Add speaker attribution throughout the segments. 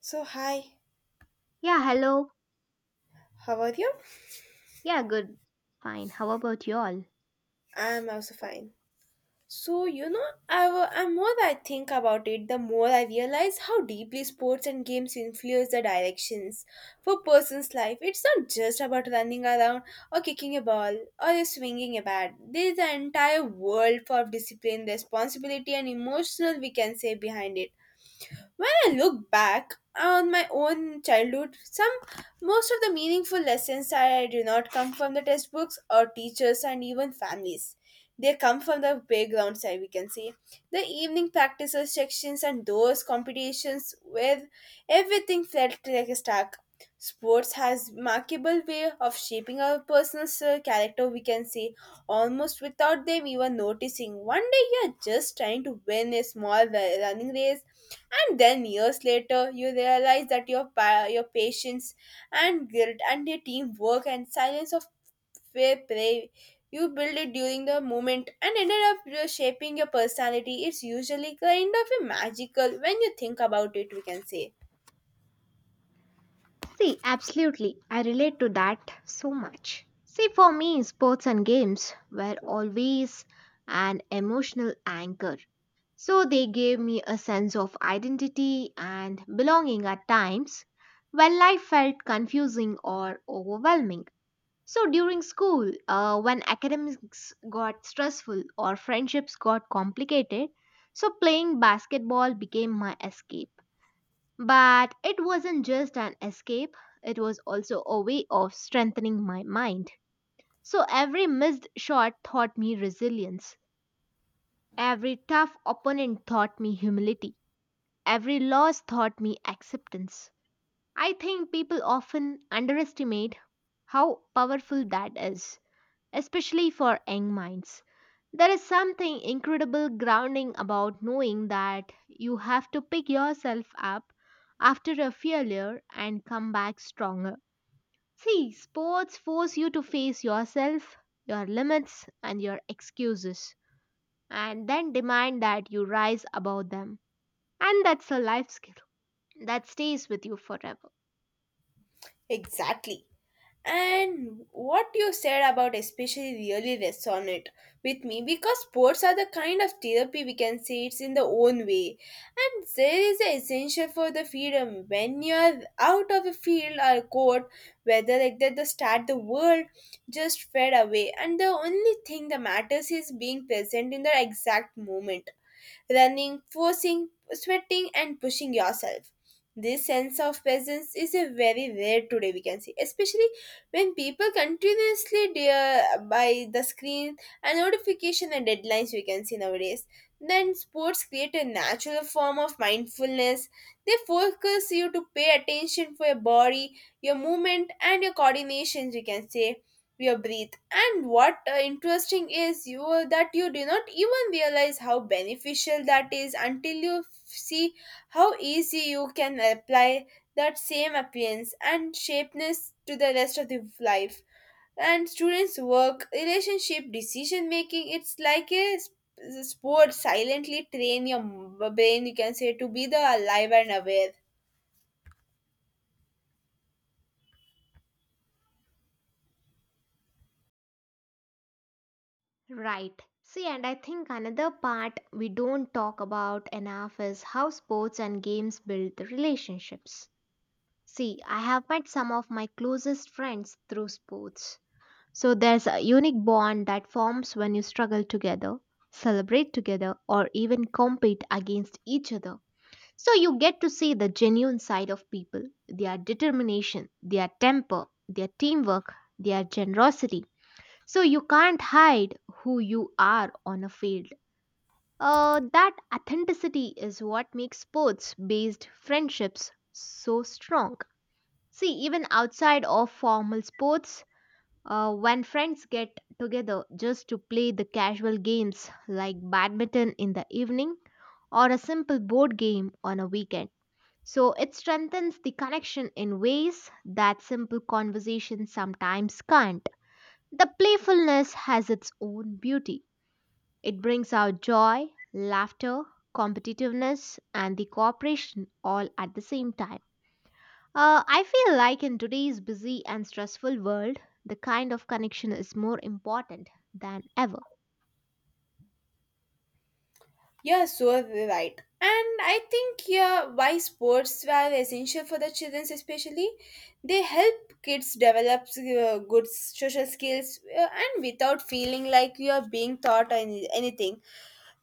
Speaker 1: So hi,
Speaker 2: Yeah, hello.
Speaker 1: how are you?
Speaker 2: Yeah, good. Fine. How about you all?
Speaker 1: I'm also fine. And more I think about it, the more I realize how deeply sports and games influence the directions for person's life. It's not just about running around or kicking a ball or swinging a bat. There is an entire world of discipline, responsibility, and emotional we can say behind it. When I look back on my own childhood, some most of the meaningful lessons I do not come from the textbooks or teachers and even families. They come from the playgrounds, I we can say. The evening practices sections and those competitions where everything felt like a stack. Sports has remarkable way of shaping our personal character, we can say, almost without them even noticing. One day you're just trying to win a small running race, and then years later you realize that your patience and guilt and your teamwork and silence of fair play you build it during the moment and ended up shaping your personality. It's usually kind of a magical when you think about it, we can say
Speaker 2: See, absolutely. I relate to that so much. See, for me, sports and games were always an emotional anchor. So they gave me a sense of identity and belonging at times when life felt confusing or overwhelming. So during school, when academics got stressful or friendships got complicated, so playing basketball became my escape. But it wasn't just an escape, it was also a way of strengthening my mind. So every missed shot taught me resilience, every tough opponent taught me humility, every loss taught me acceptance. I think people often underestimate how powerful that is especially for young minds. There is something incredible grounding about knowing that you have to pick yourself up after a failure and come back stronger. See, sports force you to face yourself, your limits, and your excuses, and then demand that you rise above them. And that's a life skill that stays with you forever.
Speaker 1: exactly. And what you said about especially really resonate with me because sports are the kind of therapy we can say it's in the own way. And there is an essential for the freedom when you're out of a field or court, whether like that the start the world just fade away. And the only thing that matters is being present in the exact moment running, forcing, sweating, and pushing yourself. This sense of presence is a very rare today, we can see, especially when people continuously dear by the screen and notification and deadlines we can see nowadays. Then sports create a natural form of mindfulness. They focus you to pay attention for your body, your movement, and your coordinations, we can say, your breath, and what interesting is you that you do not even realize how beneficial that is until see how easy you can apply that same appearance and shapeness to the rest of the life and students work relationship decision making. It's like a sport silently train your brain you can say to be the alive and aware.
Speaker 2: Right. See, and I think another part we don't talk about enough is how sports and games build the relationships. See, I have met some of my closest friends through sports. So there's a unique bond that forms when you struggle together, celebrate together, or even compete against each other. So you get to see the genuine side of people, their determination, their temper, their teamwork, their generosity so you can't hide who you are on a field. That authenticity is what makes sports based friendships so strong. See, even outside of formal sports, when friends get together just to play the casual games like badminton in the evening or a simple board game on a weekend. So it strengthens the connection in ways that simple conversation sometimes can't. The playfulness has its own beauty it brings out joy, laughter, competitiveness, and the cooperation all at the same time. I feel like in today's busy and stressful world, the kind of connection is more important than ever.
Speaker 1: Yeah, so right. And I think yeah, why sports are essential for the children, especially they help kids develop good social skills, and without feeling like you are being taught anything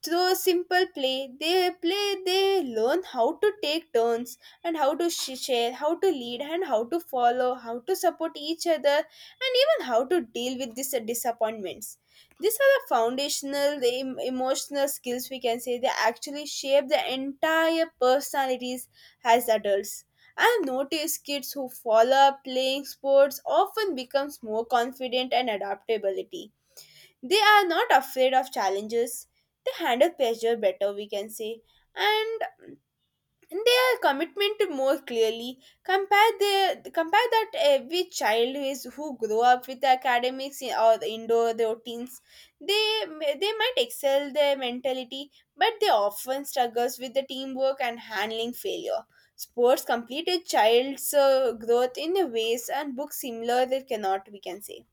Speaker 1: through simple play they learn how to take turns and how to share, how to lead and how to follow, how to support each other, and even how to deal with these disappointments. These are the foundational emotional skills we can say they actually shape the entire personalities as adults. I have noticed kids who follow up playing sports often becomes more confident and adaptability. They are not afraid of challenges. They handle pressure better, we can say, and their commitment to more clearly. Compare that every child who is who grow up with academics in- or indoor routines. They they might excel their mentality, but they often struggles with the teamwork and handling failure. Sports completed child's growth in a ways and books similar they cannot, we can say.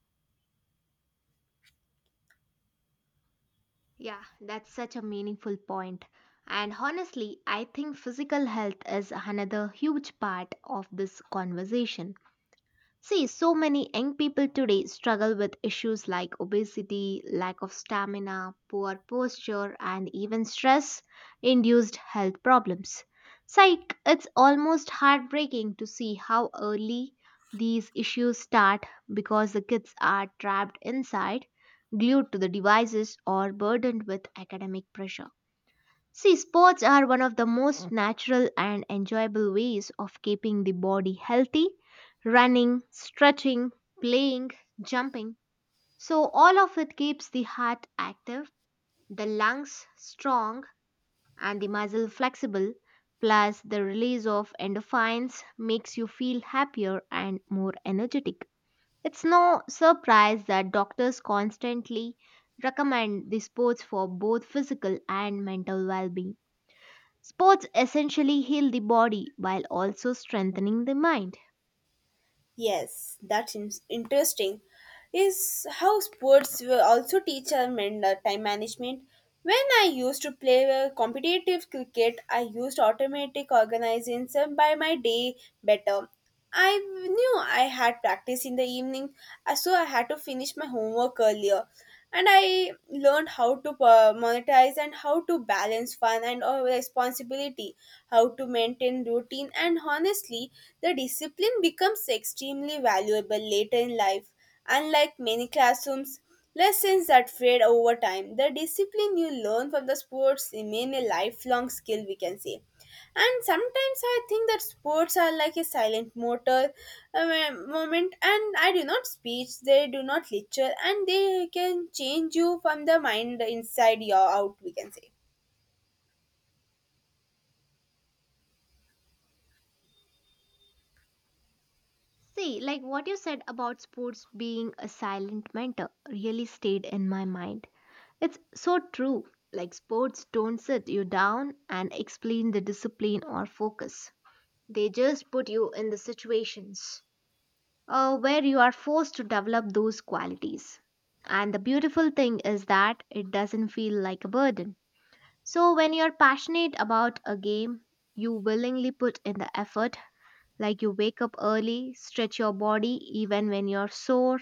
Speaker 2: Yeah, that's such a meaningful point. And honestly, I think physical health is another huge part of this conversation. See, so many young people today struggle with issues like obesity, lack of stamina, poor posture, and even stress induced health problems. Psych, it's almost heartbreaking to see how early these issues start because the kids are trapped inside, glued to the devices, or burdened with academic pressure. See, sports are one of the most natural and enjoyable ways of keeping the body healthy. Running, stretching, playing, jumping. So, all of it keeps the heart active, the lungs strong, and the muscle flexible. Plus, the release of endorphins makes you feel happier and more energetic. It's no surprise that doctors constantly recommend the sports for both physical and mental well being. Sports essentially heal the body while also strengthening the mind.
Speaker 1: Yes, that's interesting. Is how sports will also teach our men time management. When I used to play competitive cricket, I used automatic organization by my day better. I knew I had practice in the evening, so I had to finish my homework earlier. And I learned how to monetize and how to balance fun and responsibility, how to maintain routine, and honestly, the discipline becomes extremely valuable later in life. Unlike many classrooms, lessons that fade over time, the discipline you learn from the sports remain a lifelong skill, we can say. And sometimes I think that sports are like a silent motor moment, and I do not speech, they do not lecture, and they can change you from the mind inside your out, we can say.
Speaker 2: See, like what you said about sports being a silent mentor really stayed in my mind. It's so true. Like sports don't sit you down and explain the discipline or focus. They just put you in the situations where you are forced to develop those qualities. And the beautiful thing is that it doesn't feel like a burden. So when you're passionate about a game, you willingly put in the effort, like you wake up early, stretch your body even when you're sore,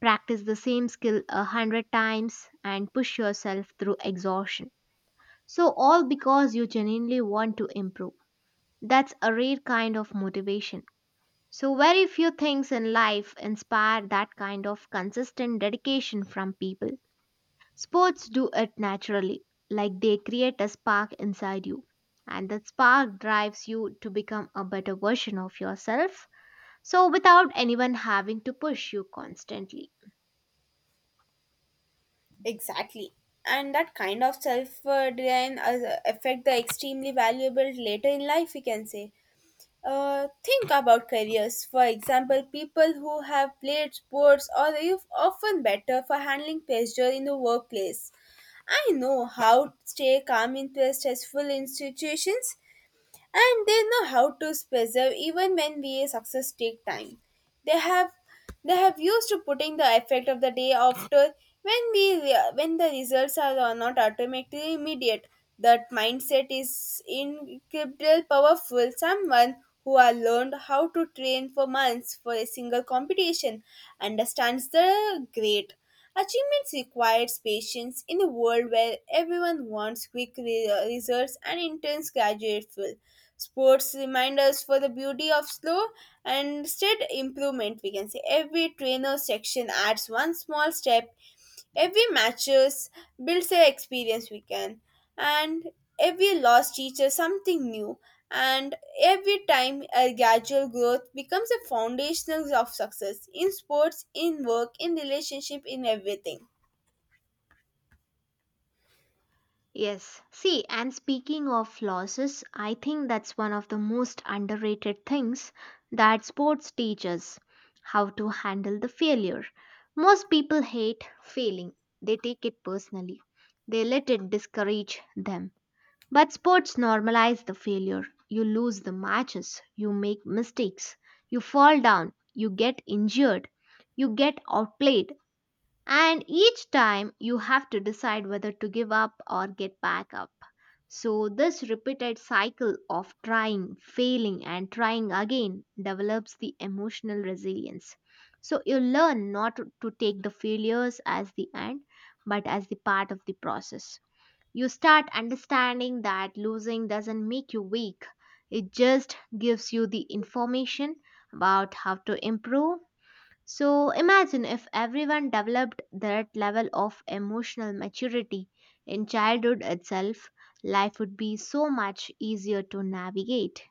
Speaker 2: practice the same skill 100 times, and push yourself through exhaustion. So all because you genuinely want to improve. That's a rare kind of motivation. So very few things in life inspire that kind of consistent dedication from people. Sports do it naturally, like they create a spark inside you. And that spark drives you to become a better version of yourself, so without anyone having to push you constantly.
Speaker 1: Exactly. And that kind of self design affect the extremely valuable later in life, we can say. Think about careers. For example, people who have played sports are often better for handling pressure in the workplace. I know how to stay calm in stressful institutions, and they know how to preserve, even when we success take time. they have they have used to putting the effect of the day after when when the results are not automatically immediate. That mindset is incredibly powerful. Someone who has learned how to train for months for a single competition understands the great achievements requires patience in a world where everyone wants results and intense graduate fuel. Sports remind us for the beauty of slow and steady improvement, we can say. Every trainer section adds one small step. Every matches builds their experience we can. And every loss teaches something new. And every time a gradual growth becomes a foundational of success in sports, in work, in relationship, in everything.
Speaker 2: Yes, see, and speaking of losses, I think that's one of the most underrated things that sports teaches how to handle the failure. Most people hate failing, they take it personally, they let it discourage them. But sports normalize the failure. You lose the matches, you make mistakes, you fall down, you get injured, you get outplayed, and each time you have to decide whether to give up or get back up. So, this repeated cycle of trying, failing, and trying again develops the emotional resilience. So, you learn not to take the failures as the end, but as the part of the process. You start understanding that losing doesn't make you weak, it just gives you the information about how to improve. So, imagine if everyone developed that level of emotional maturity in childhood itself, life would be so much easier to navigate.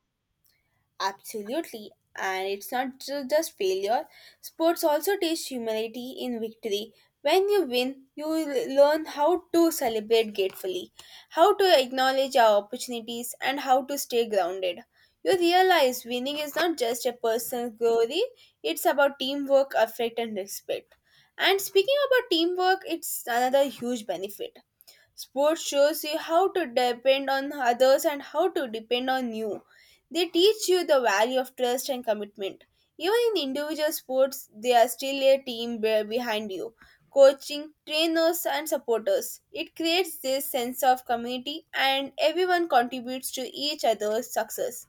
Speaker 1: Absolutely. And it's not just failure. Sports also teach humility in victory. When you win, you learn how to celebrate gratefully, how to acknowledge our opportunities, and how to stay grounded. You realize winning is not just a personal glory, it's about teamwork, affect, and respect. And speaking about teamwork, it's another huge benefit. Sports shows you how to depend on others and how to depend on you. They teach you the value of trust and commitment. Even in individual sports, they are still a team behind you. Coaching, trainers, and supporters. It creates this sense of community, and everyone contributes to each other's success,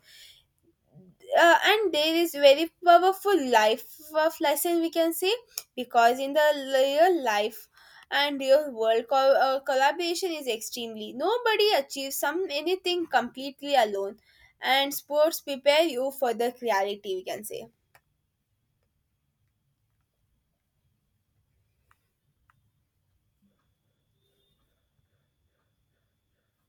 Speaker 1: and there is very powerful life of lesson we can say because in the real life and real world collaboration is extremely. Nobody achieves some anything completely alone, and sports prepare you for the reality we can say.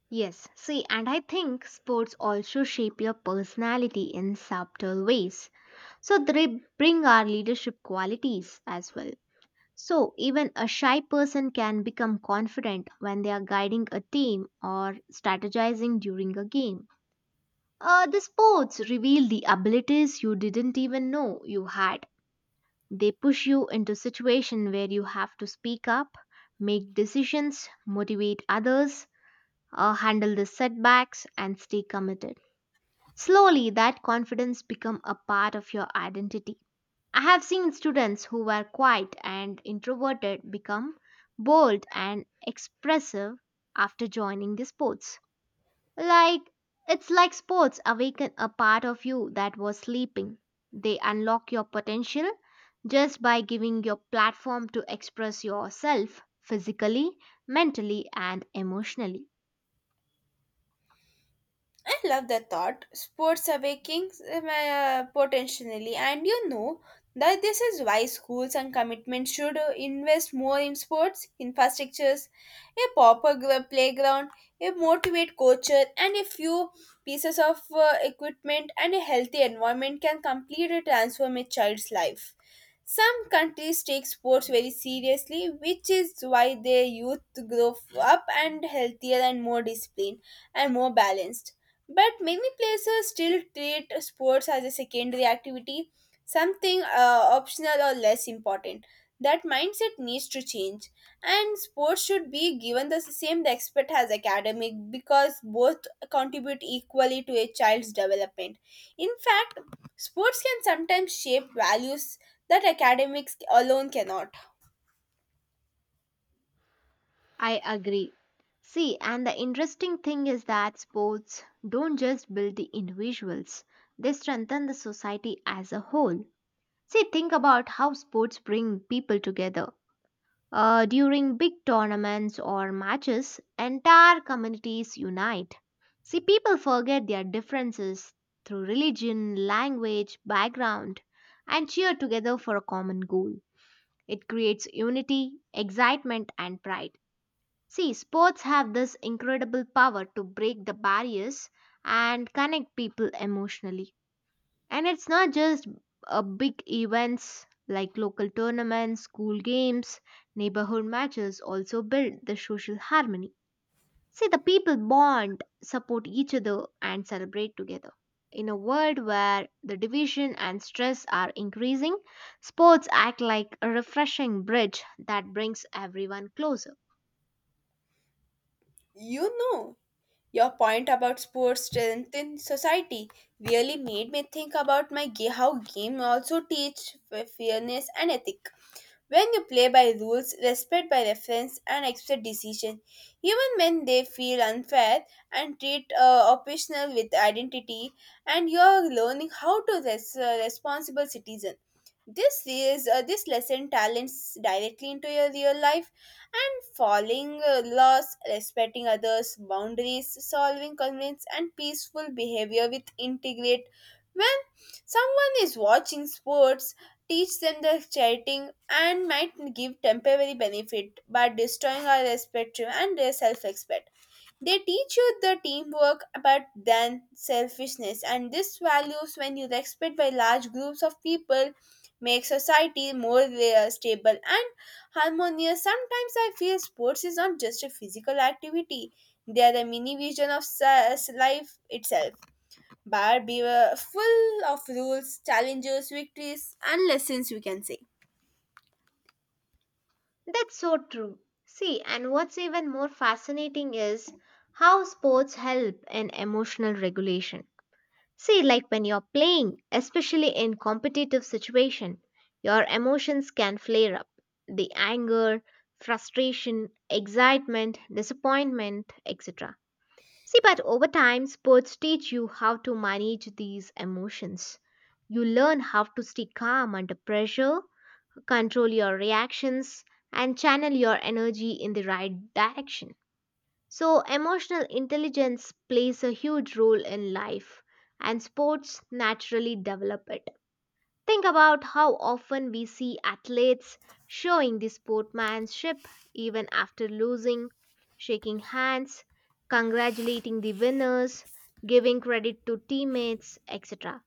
Speaker 2: Yes, see, and I think sports also shape your personality in subtle ways. So they bring our leadership qualities as well. So, even a shy person can become confident when they are guiding a team or strategizing during a game. The sports reveal the abilities you didn't even know you had. They push you into situations where you have to speak up, make decisions, motivate others, handle the setbacks, and stay committed. Slowly, that confidence become a part of your identity. I have seen students who were quiet and introverted become bold and expressive after joining the sports. Like, it's like sports awaken a part of you that was sleeping. They unlock your potential just by giving your platform to express yourself physically, mentally, and emotionally.
Speaker 1: I love that thought. Sports awakens potentially, and you know that this is why schools and commitments should invest more in sports infrastructures, a proper playground, a motivate coacher, and a few pieces of equipment and a healthy environment can completely transform a child's life. Some countries take sports very seriously, which is why their youth grow up and healthier and more disciplined and more balanced. But many places still treat sports as a secondary activity, something optional or less important. That mindset needs to change, and sports should be given the same respect as academic because both contribute equally to a child's development. In fact, sports can sometimes shape values that academics alone cannot.
Speaker 2: I agree. See, and the interesting thing is that sports don't just build the individuals, they strengthen the society as a whole. See, think about how sports bring people together. During big tournaments or matches, entire communities unite. See, people forget their differences through religion, language, background, and cheer together for a common goal. It creates unity, excitement, and pride. See, sports have this incredible power to break the barriers and connect people emotionally. And it's not just big events like local tournaments, school games, neighborhood matches also build the social harmony. See, the people bond, support each other, and celebrate together. In a world where the division and stress are increasing, sports act like a refreshing bridge that brings everyone closer.
Speaker 1: You know, your point about sports strength in society really made me think about how game also teach fairness and ethic. When you play by rules, respect by reference, and accept decision, even when they feel unfair, and treat optional with identity, and you are learning how to responsible citizen. This is this lesson talents directly into your real life, and following laws, respecting others' boundaries, solving conflicts, and peaceful behavior with integrate. When someone is watching sports teach them the charting and might give temporary benefit but destroying our respect and their self-respect, they teach you the teamwork but then selfishness, and this values when you respect by large groups of people make society more stable and harmonious. Sometimes I feel sports is not just a physical activity, they are the mini vision of life itself. Barbie were full of rules, challenges, victories, and lessons, we can say.
Speaker 2: That's so true. See, and what's even more fascinating is how sports help in emotional regulation. See, like when you're playing, especially in competitive situation, your emotions can flare up. The anger, frustration, excitement, disappointment, etc. See, but over time, sports teach you how to manage these emotions. You learn how to stay calm under pressure control your reactions, and channel your energy in the right direction. So, emotional intelligence plays a huge role in life, and sports naturally develop it. Think about how often we see athletes showing the sportsmanship even after losing, shaking hands, congratulating the winners, giving credit to teammates, etc.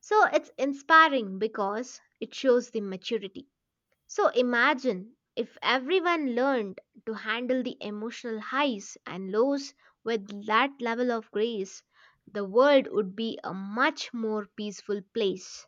Speaker 2: So, it's inspiring because it shows the maturity. So imagine if everyone learned to handle the emotional highs and lows with that level of grace, the world would be a much more peaceful place.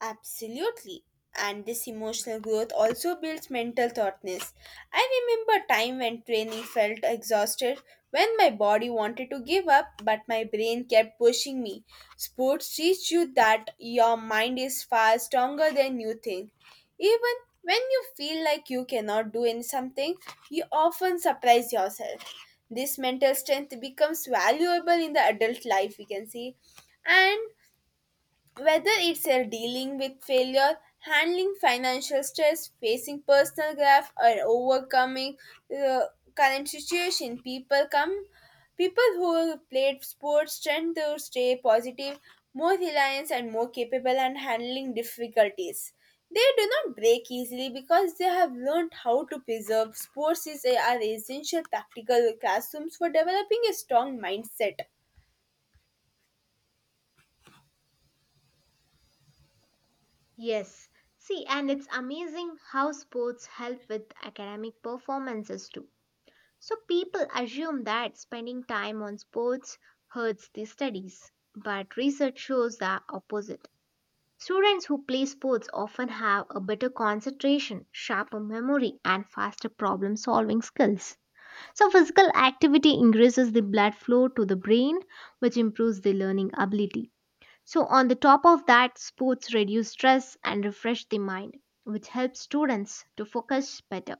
Speaker 1: Absolutely. And this emotional growth also builds mental thoughtness. I remember a time when training felt exhausted, when my body wanted to give up, but my brain kept pushing me. Sports teach you that your mind is far stronger than you think. Even when you feel like you cannot do in something, you often surprise yourself. This mental strength becomes valuable in the adult life, we can see. And whether it's a dealing with failure, handling financial stress, facing personal growth, or overcoming the current situation, people come. People who played sports tend to stay positive, more reliant, and more capable and handling difficulties. They do not break easily because they have learned how to preserve. Are essential practical classrooms for developing a strong mindset.
Speaker 2: Yes. See, and it's amazing how sports help with academic performances too. So people assume that spending time on sports hurts the studies, but research shows the opposite. Students who play sports often have a better concentration, sharper memory, and faster problem solving skills. So, physical activity increases the blood flow to the brain, which improves the learning ability. So, on the top of that, sports reduce stress and refresh the mind, which helps students to focus better.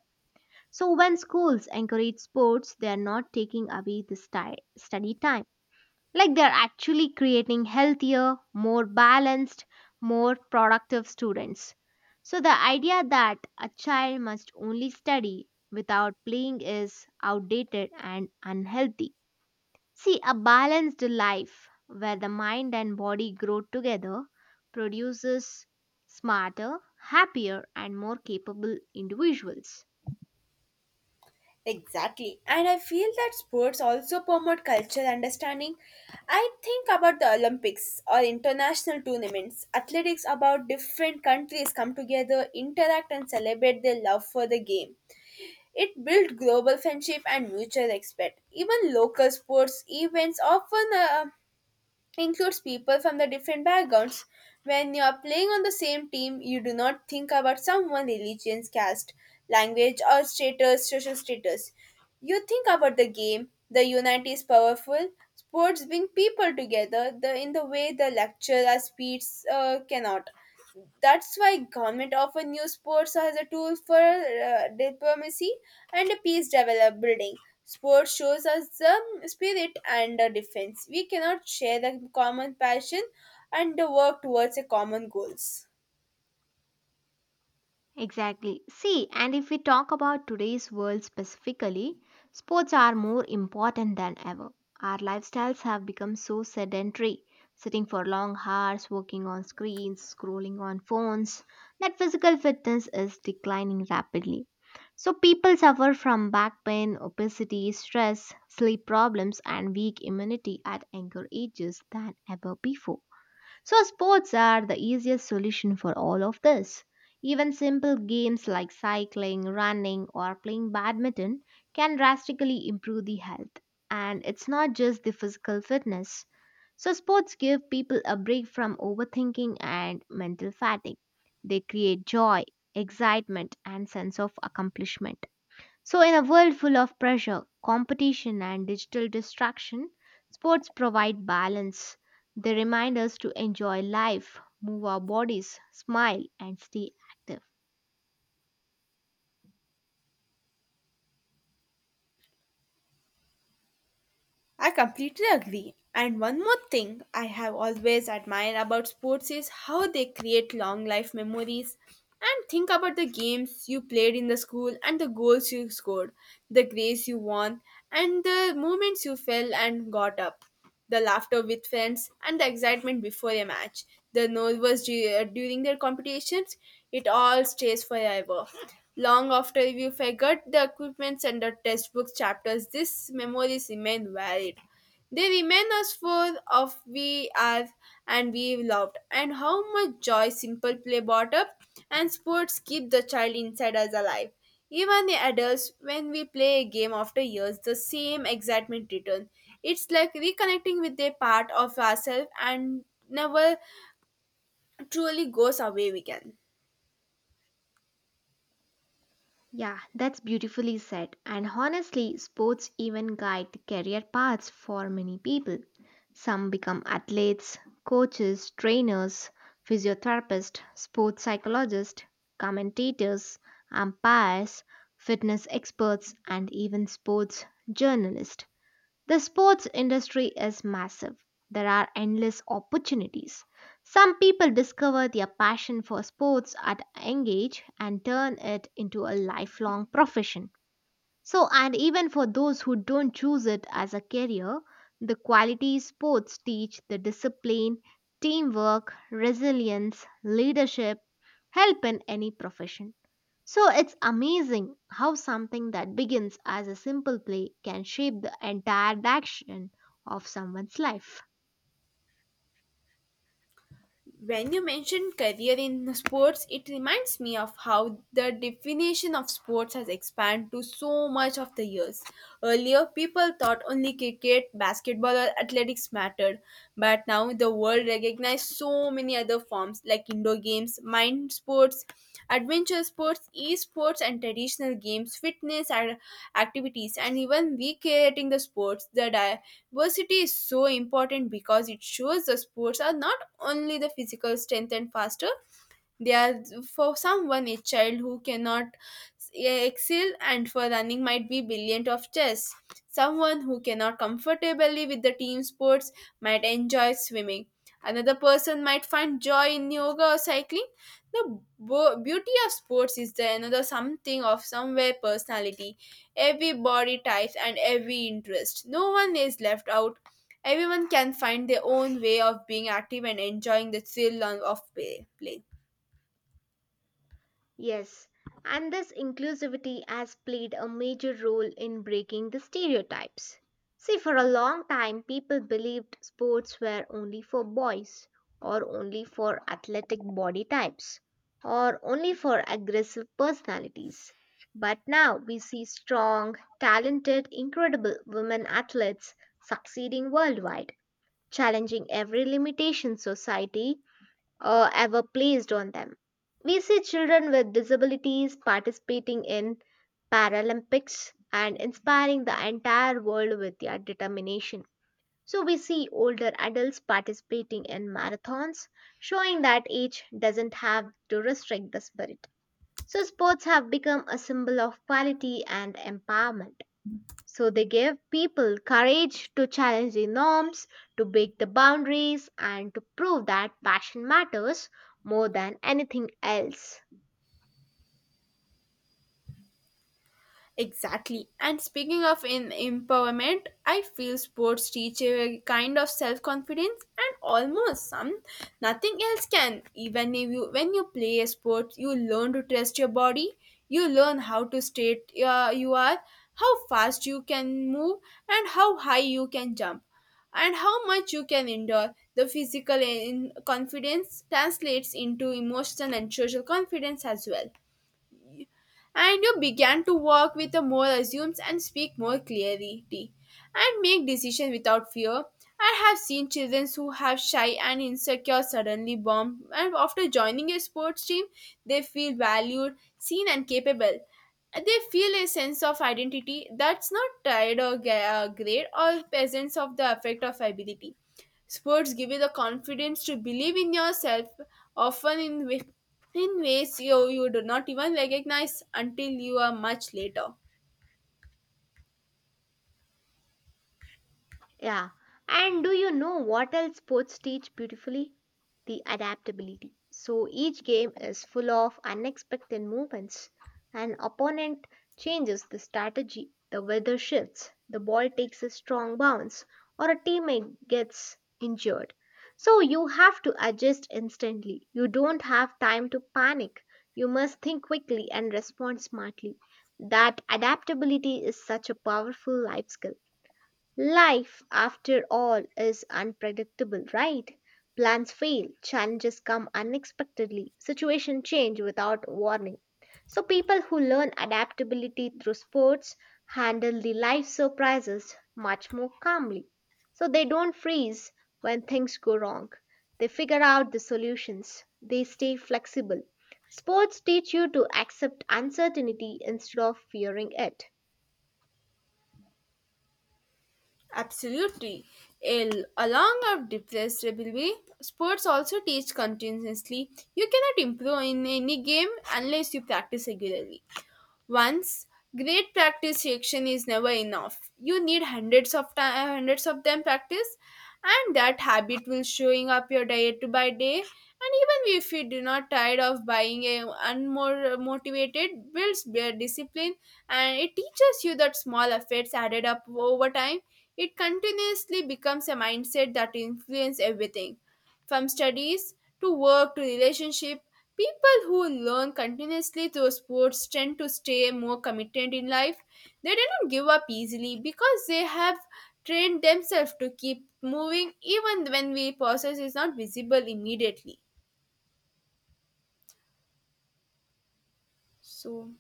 Speaker 2: So, when schools encourage sports, they are not taking away the study time. Like they're actually creating healthier, more balanced, more productive students. So the idea that a child must only study without playing is outdated and unhealthy. See, a balanced life where the mind and body grow together produces smarter, happier, and more capable individuals.
Speaker 1: Exactly. And I feel that sports also promote cultural understanding. I think about the Olympics or international tournaments. Athletics about different countries come together, interact, and celebrate their love for the game. It builds global friendship and mutual respect. Even local sports events often includes people from the different backgrounds. When you are playing on the same team, you do not think about someone's religion, caste, language, or status, social status. You think about the game. The unity is powerful. Sports bring people together the, in the way the lecture or speech cannot. That's why government often use sports as a tool for diplomacy and peace develop building. Sports shows us the spirit and the defense we cannot share the common passion and the work towards a common goals.
Speaker 2: Exactly. See, and if we talk about today's world specifically, sports are more important than ever. Our lifestyles have become so sedentary, sitting for long hours, working on screens, scrolling on phones, that physical fitness is declining rapidly. So, people suffer from back pain, obesity, stress, sleep problems, and weak immunity at younger ages than ever before. So, sports are the easiest solution for all of this. Even simple games like cycling, running, or playing badminton can drastically improve the health. And it's not just the physical fitness. So, sports give people a break from overthinking and mental fatigue. They create joy, excitement, and sense of accomplishment. So, in a world full of pressure, competition, and digital distraction, sports provide balance. They remind us to enjoy life, move our bodies, smile, and stay active.
Speaker 1: I completely agree. And one more thing I have always admired about sports is how they create long life memories. And think about the games you played in the school and the goals you scored, the grace you won, and the moments you fell and got up, the laughter with friends, and the excitement before a match. The nervous during their competitions, it all stays forever. Long after you forgot the equipments and the textbook chapters, these memories remain valid. They remain as full of we are and we loved, and how much joy simple play brought up. And sports keep the child inside us alive. Even the adults, when we play a game after years, the same excitement returns. It's like reconnecting with a part of ourselves and never truly goes away. We can.
Speaker 2: Yeah, that's beautifully said. And honestly, sports even guide career paths for many people. Some become athletes, coaches, trainers, physiotherapists, sports psychologists, commentators, umpires, fitness experts, and even sports journalists. The sports industry is massive. There are endless opportunities. Some people discover their passion for sports at a young age and turn it into a lifelong profession. So, and even for those who don't choose it as a career, the quality sports teach the discipline, teamwork, resilience, leadership, help in any profession. So it's amazing how something that begins as a simple play can shape the entire direction of someone's life.
Speaker 1: When you mentioned career in sports, it reminds me of how the definition of sports has expanded to so much of the years. Earlier, people thought only cricket, basketball, or athletics mattered, but now the world recognizes so many other forms like indoor games, mind sports, adventure sports, e-sports, and traditional games, fitness and activities, and even recreating the sports. The diversity is so important because it shows the sports are not only the physical strength and faster. They are for someone a child who cannot excel and for running might be brilliant of chess. Someone who cannot comfortably with the team sports might enjoy swimming. Another person might find joy in yoga or cycling. The beauty of sports is there another something of somewhere personality, every body type and every interest. No one is left out. Everyone can find their own way of being active and enjoying the thrill of play.
Speaker 2: Yes, and this inclusivity has played a major role in breaking the stereotypes. See, for a long time, people believed sports were only for boys, or only for athletic body types, or only for aggressive personalities. But now we see strong, talented, incredible women athletes succeeding worldwide, challenging every limitation society ever placed on them. We see children with disabilities participating in Paralympics and inspiring the entire world with their determination. So, we see older adults participating in marathons, showing that age doesn't have to restrict the spirit. So, sports have become a symbol of quality and empowerment. So they give people courage to challenge the norms, to break the boundaries, and to prove that passion matters more than anything else.
Speaker 1: Exactly. And speaking of in empowerment, I feel sports teach a kind of self confidence and almost some nothing else can. Even if you when you play a sport, you learn to trust your body. You learn how to state you are, how fast you can move, and how high you can jump, and how much you can endure. The physical confidence translates into emotional and social confidence as well, and you began to work with a more assumes and speak more clarity and make decisions without fear. I have seen children who have shy and insecure suddenly bomb and after joining a sports team they feel valued, seen and capable. They feel a sense of identity that's not tied or great or presence of the effect of ability. Sports give you the confidence to believe in yourself, often in ways you do not even recognize until you are much later.
Speaker 2: Yeah. And do you know what else sports teach beautifully? The adaptability. So each game is full of unexpected movements. An opponent changes the strategy, the weather shifts, the ball takes a strong bounce, or a teammate gets injured. So you have to adjust instantly. You don't have time to panic. You must think quickly and respond smartly. That adaptability is such a powerful life skill. Life, after all, is unpredictable, right? Plans fail, challenges come unexpectedly, situations change without warning. So, people who learn adaptability through sports handle the life surprises much more calmly. So, they don't freeze when things go wrong, they figure out the solutions, they stay flexible. Sports teach you to accept uncertainty instead of fearing it.
Speaker 1: Absolutely. Along of depressed ability, sports also teach continuously. You cannot improve in any game unless you practice regularly. Once great practice section is never enough. You need hundreds of time, hundreds of them practice, and that habit will showing up your day to by day. And even if you do not tired of buying a unmore motivated, builds their discipline, and it teaches you that small efforts added up over time. It continuously becomes a mindset that influence everything, from studies to work to relationship. People who learn continuously through sports tend to stay more committed in life. They do not give up easily because they have trained themselves to keep moving even when the process is not visible immediately. So,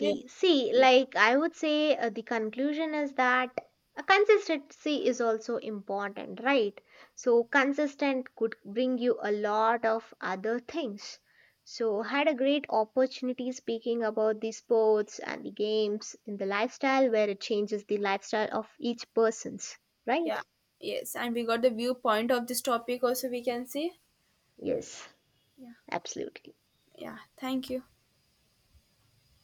Speaker 1: we-
Speaker 2: See,
Speaker 1: yeah,
Speaker 2: like I would say, the conclusion is that a consistency is also important, right? So, consistent could bring you a lot of other things. So, had a great opportunity speaking about the sports and the games in the lifestyle where it changes the lifestyle of each person's,
Speaker 1: yeah,
Speaker 2: right?
Speaker 1: yes, and we got the viewpoint of this topic also, we can see.
Speaker 2: Yes,
Speaker 1: Yeah,
Speaker 2: absolutely.
Speaker 1: yeah, thank you.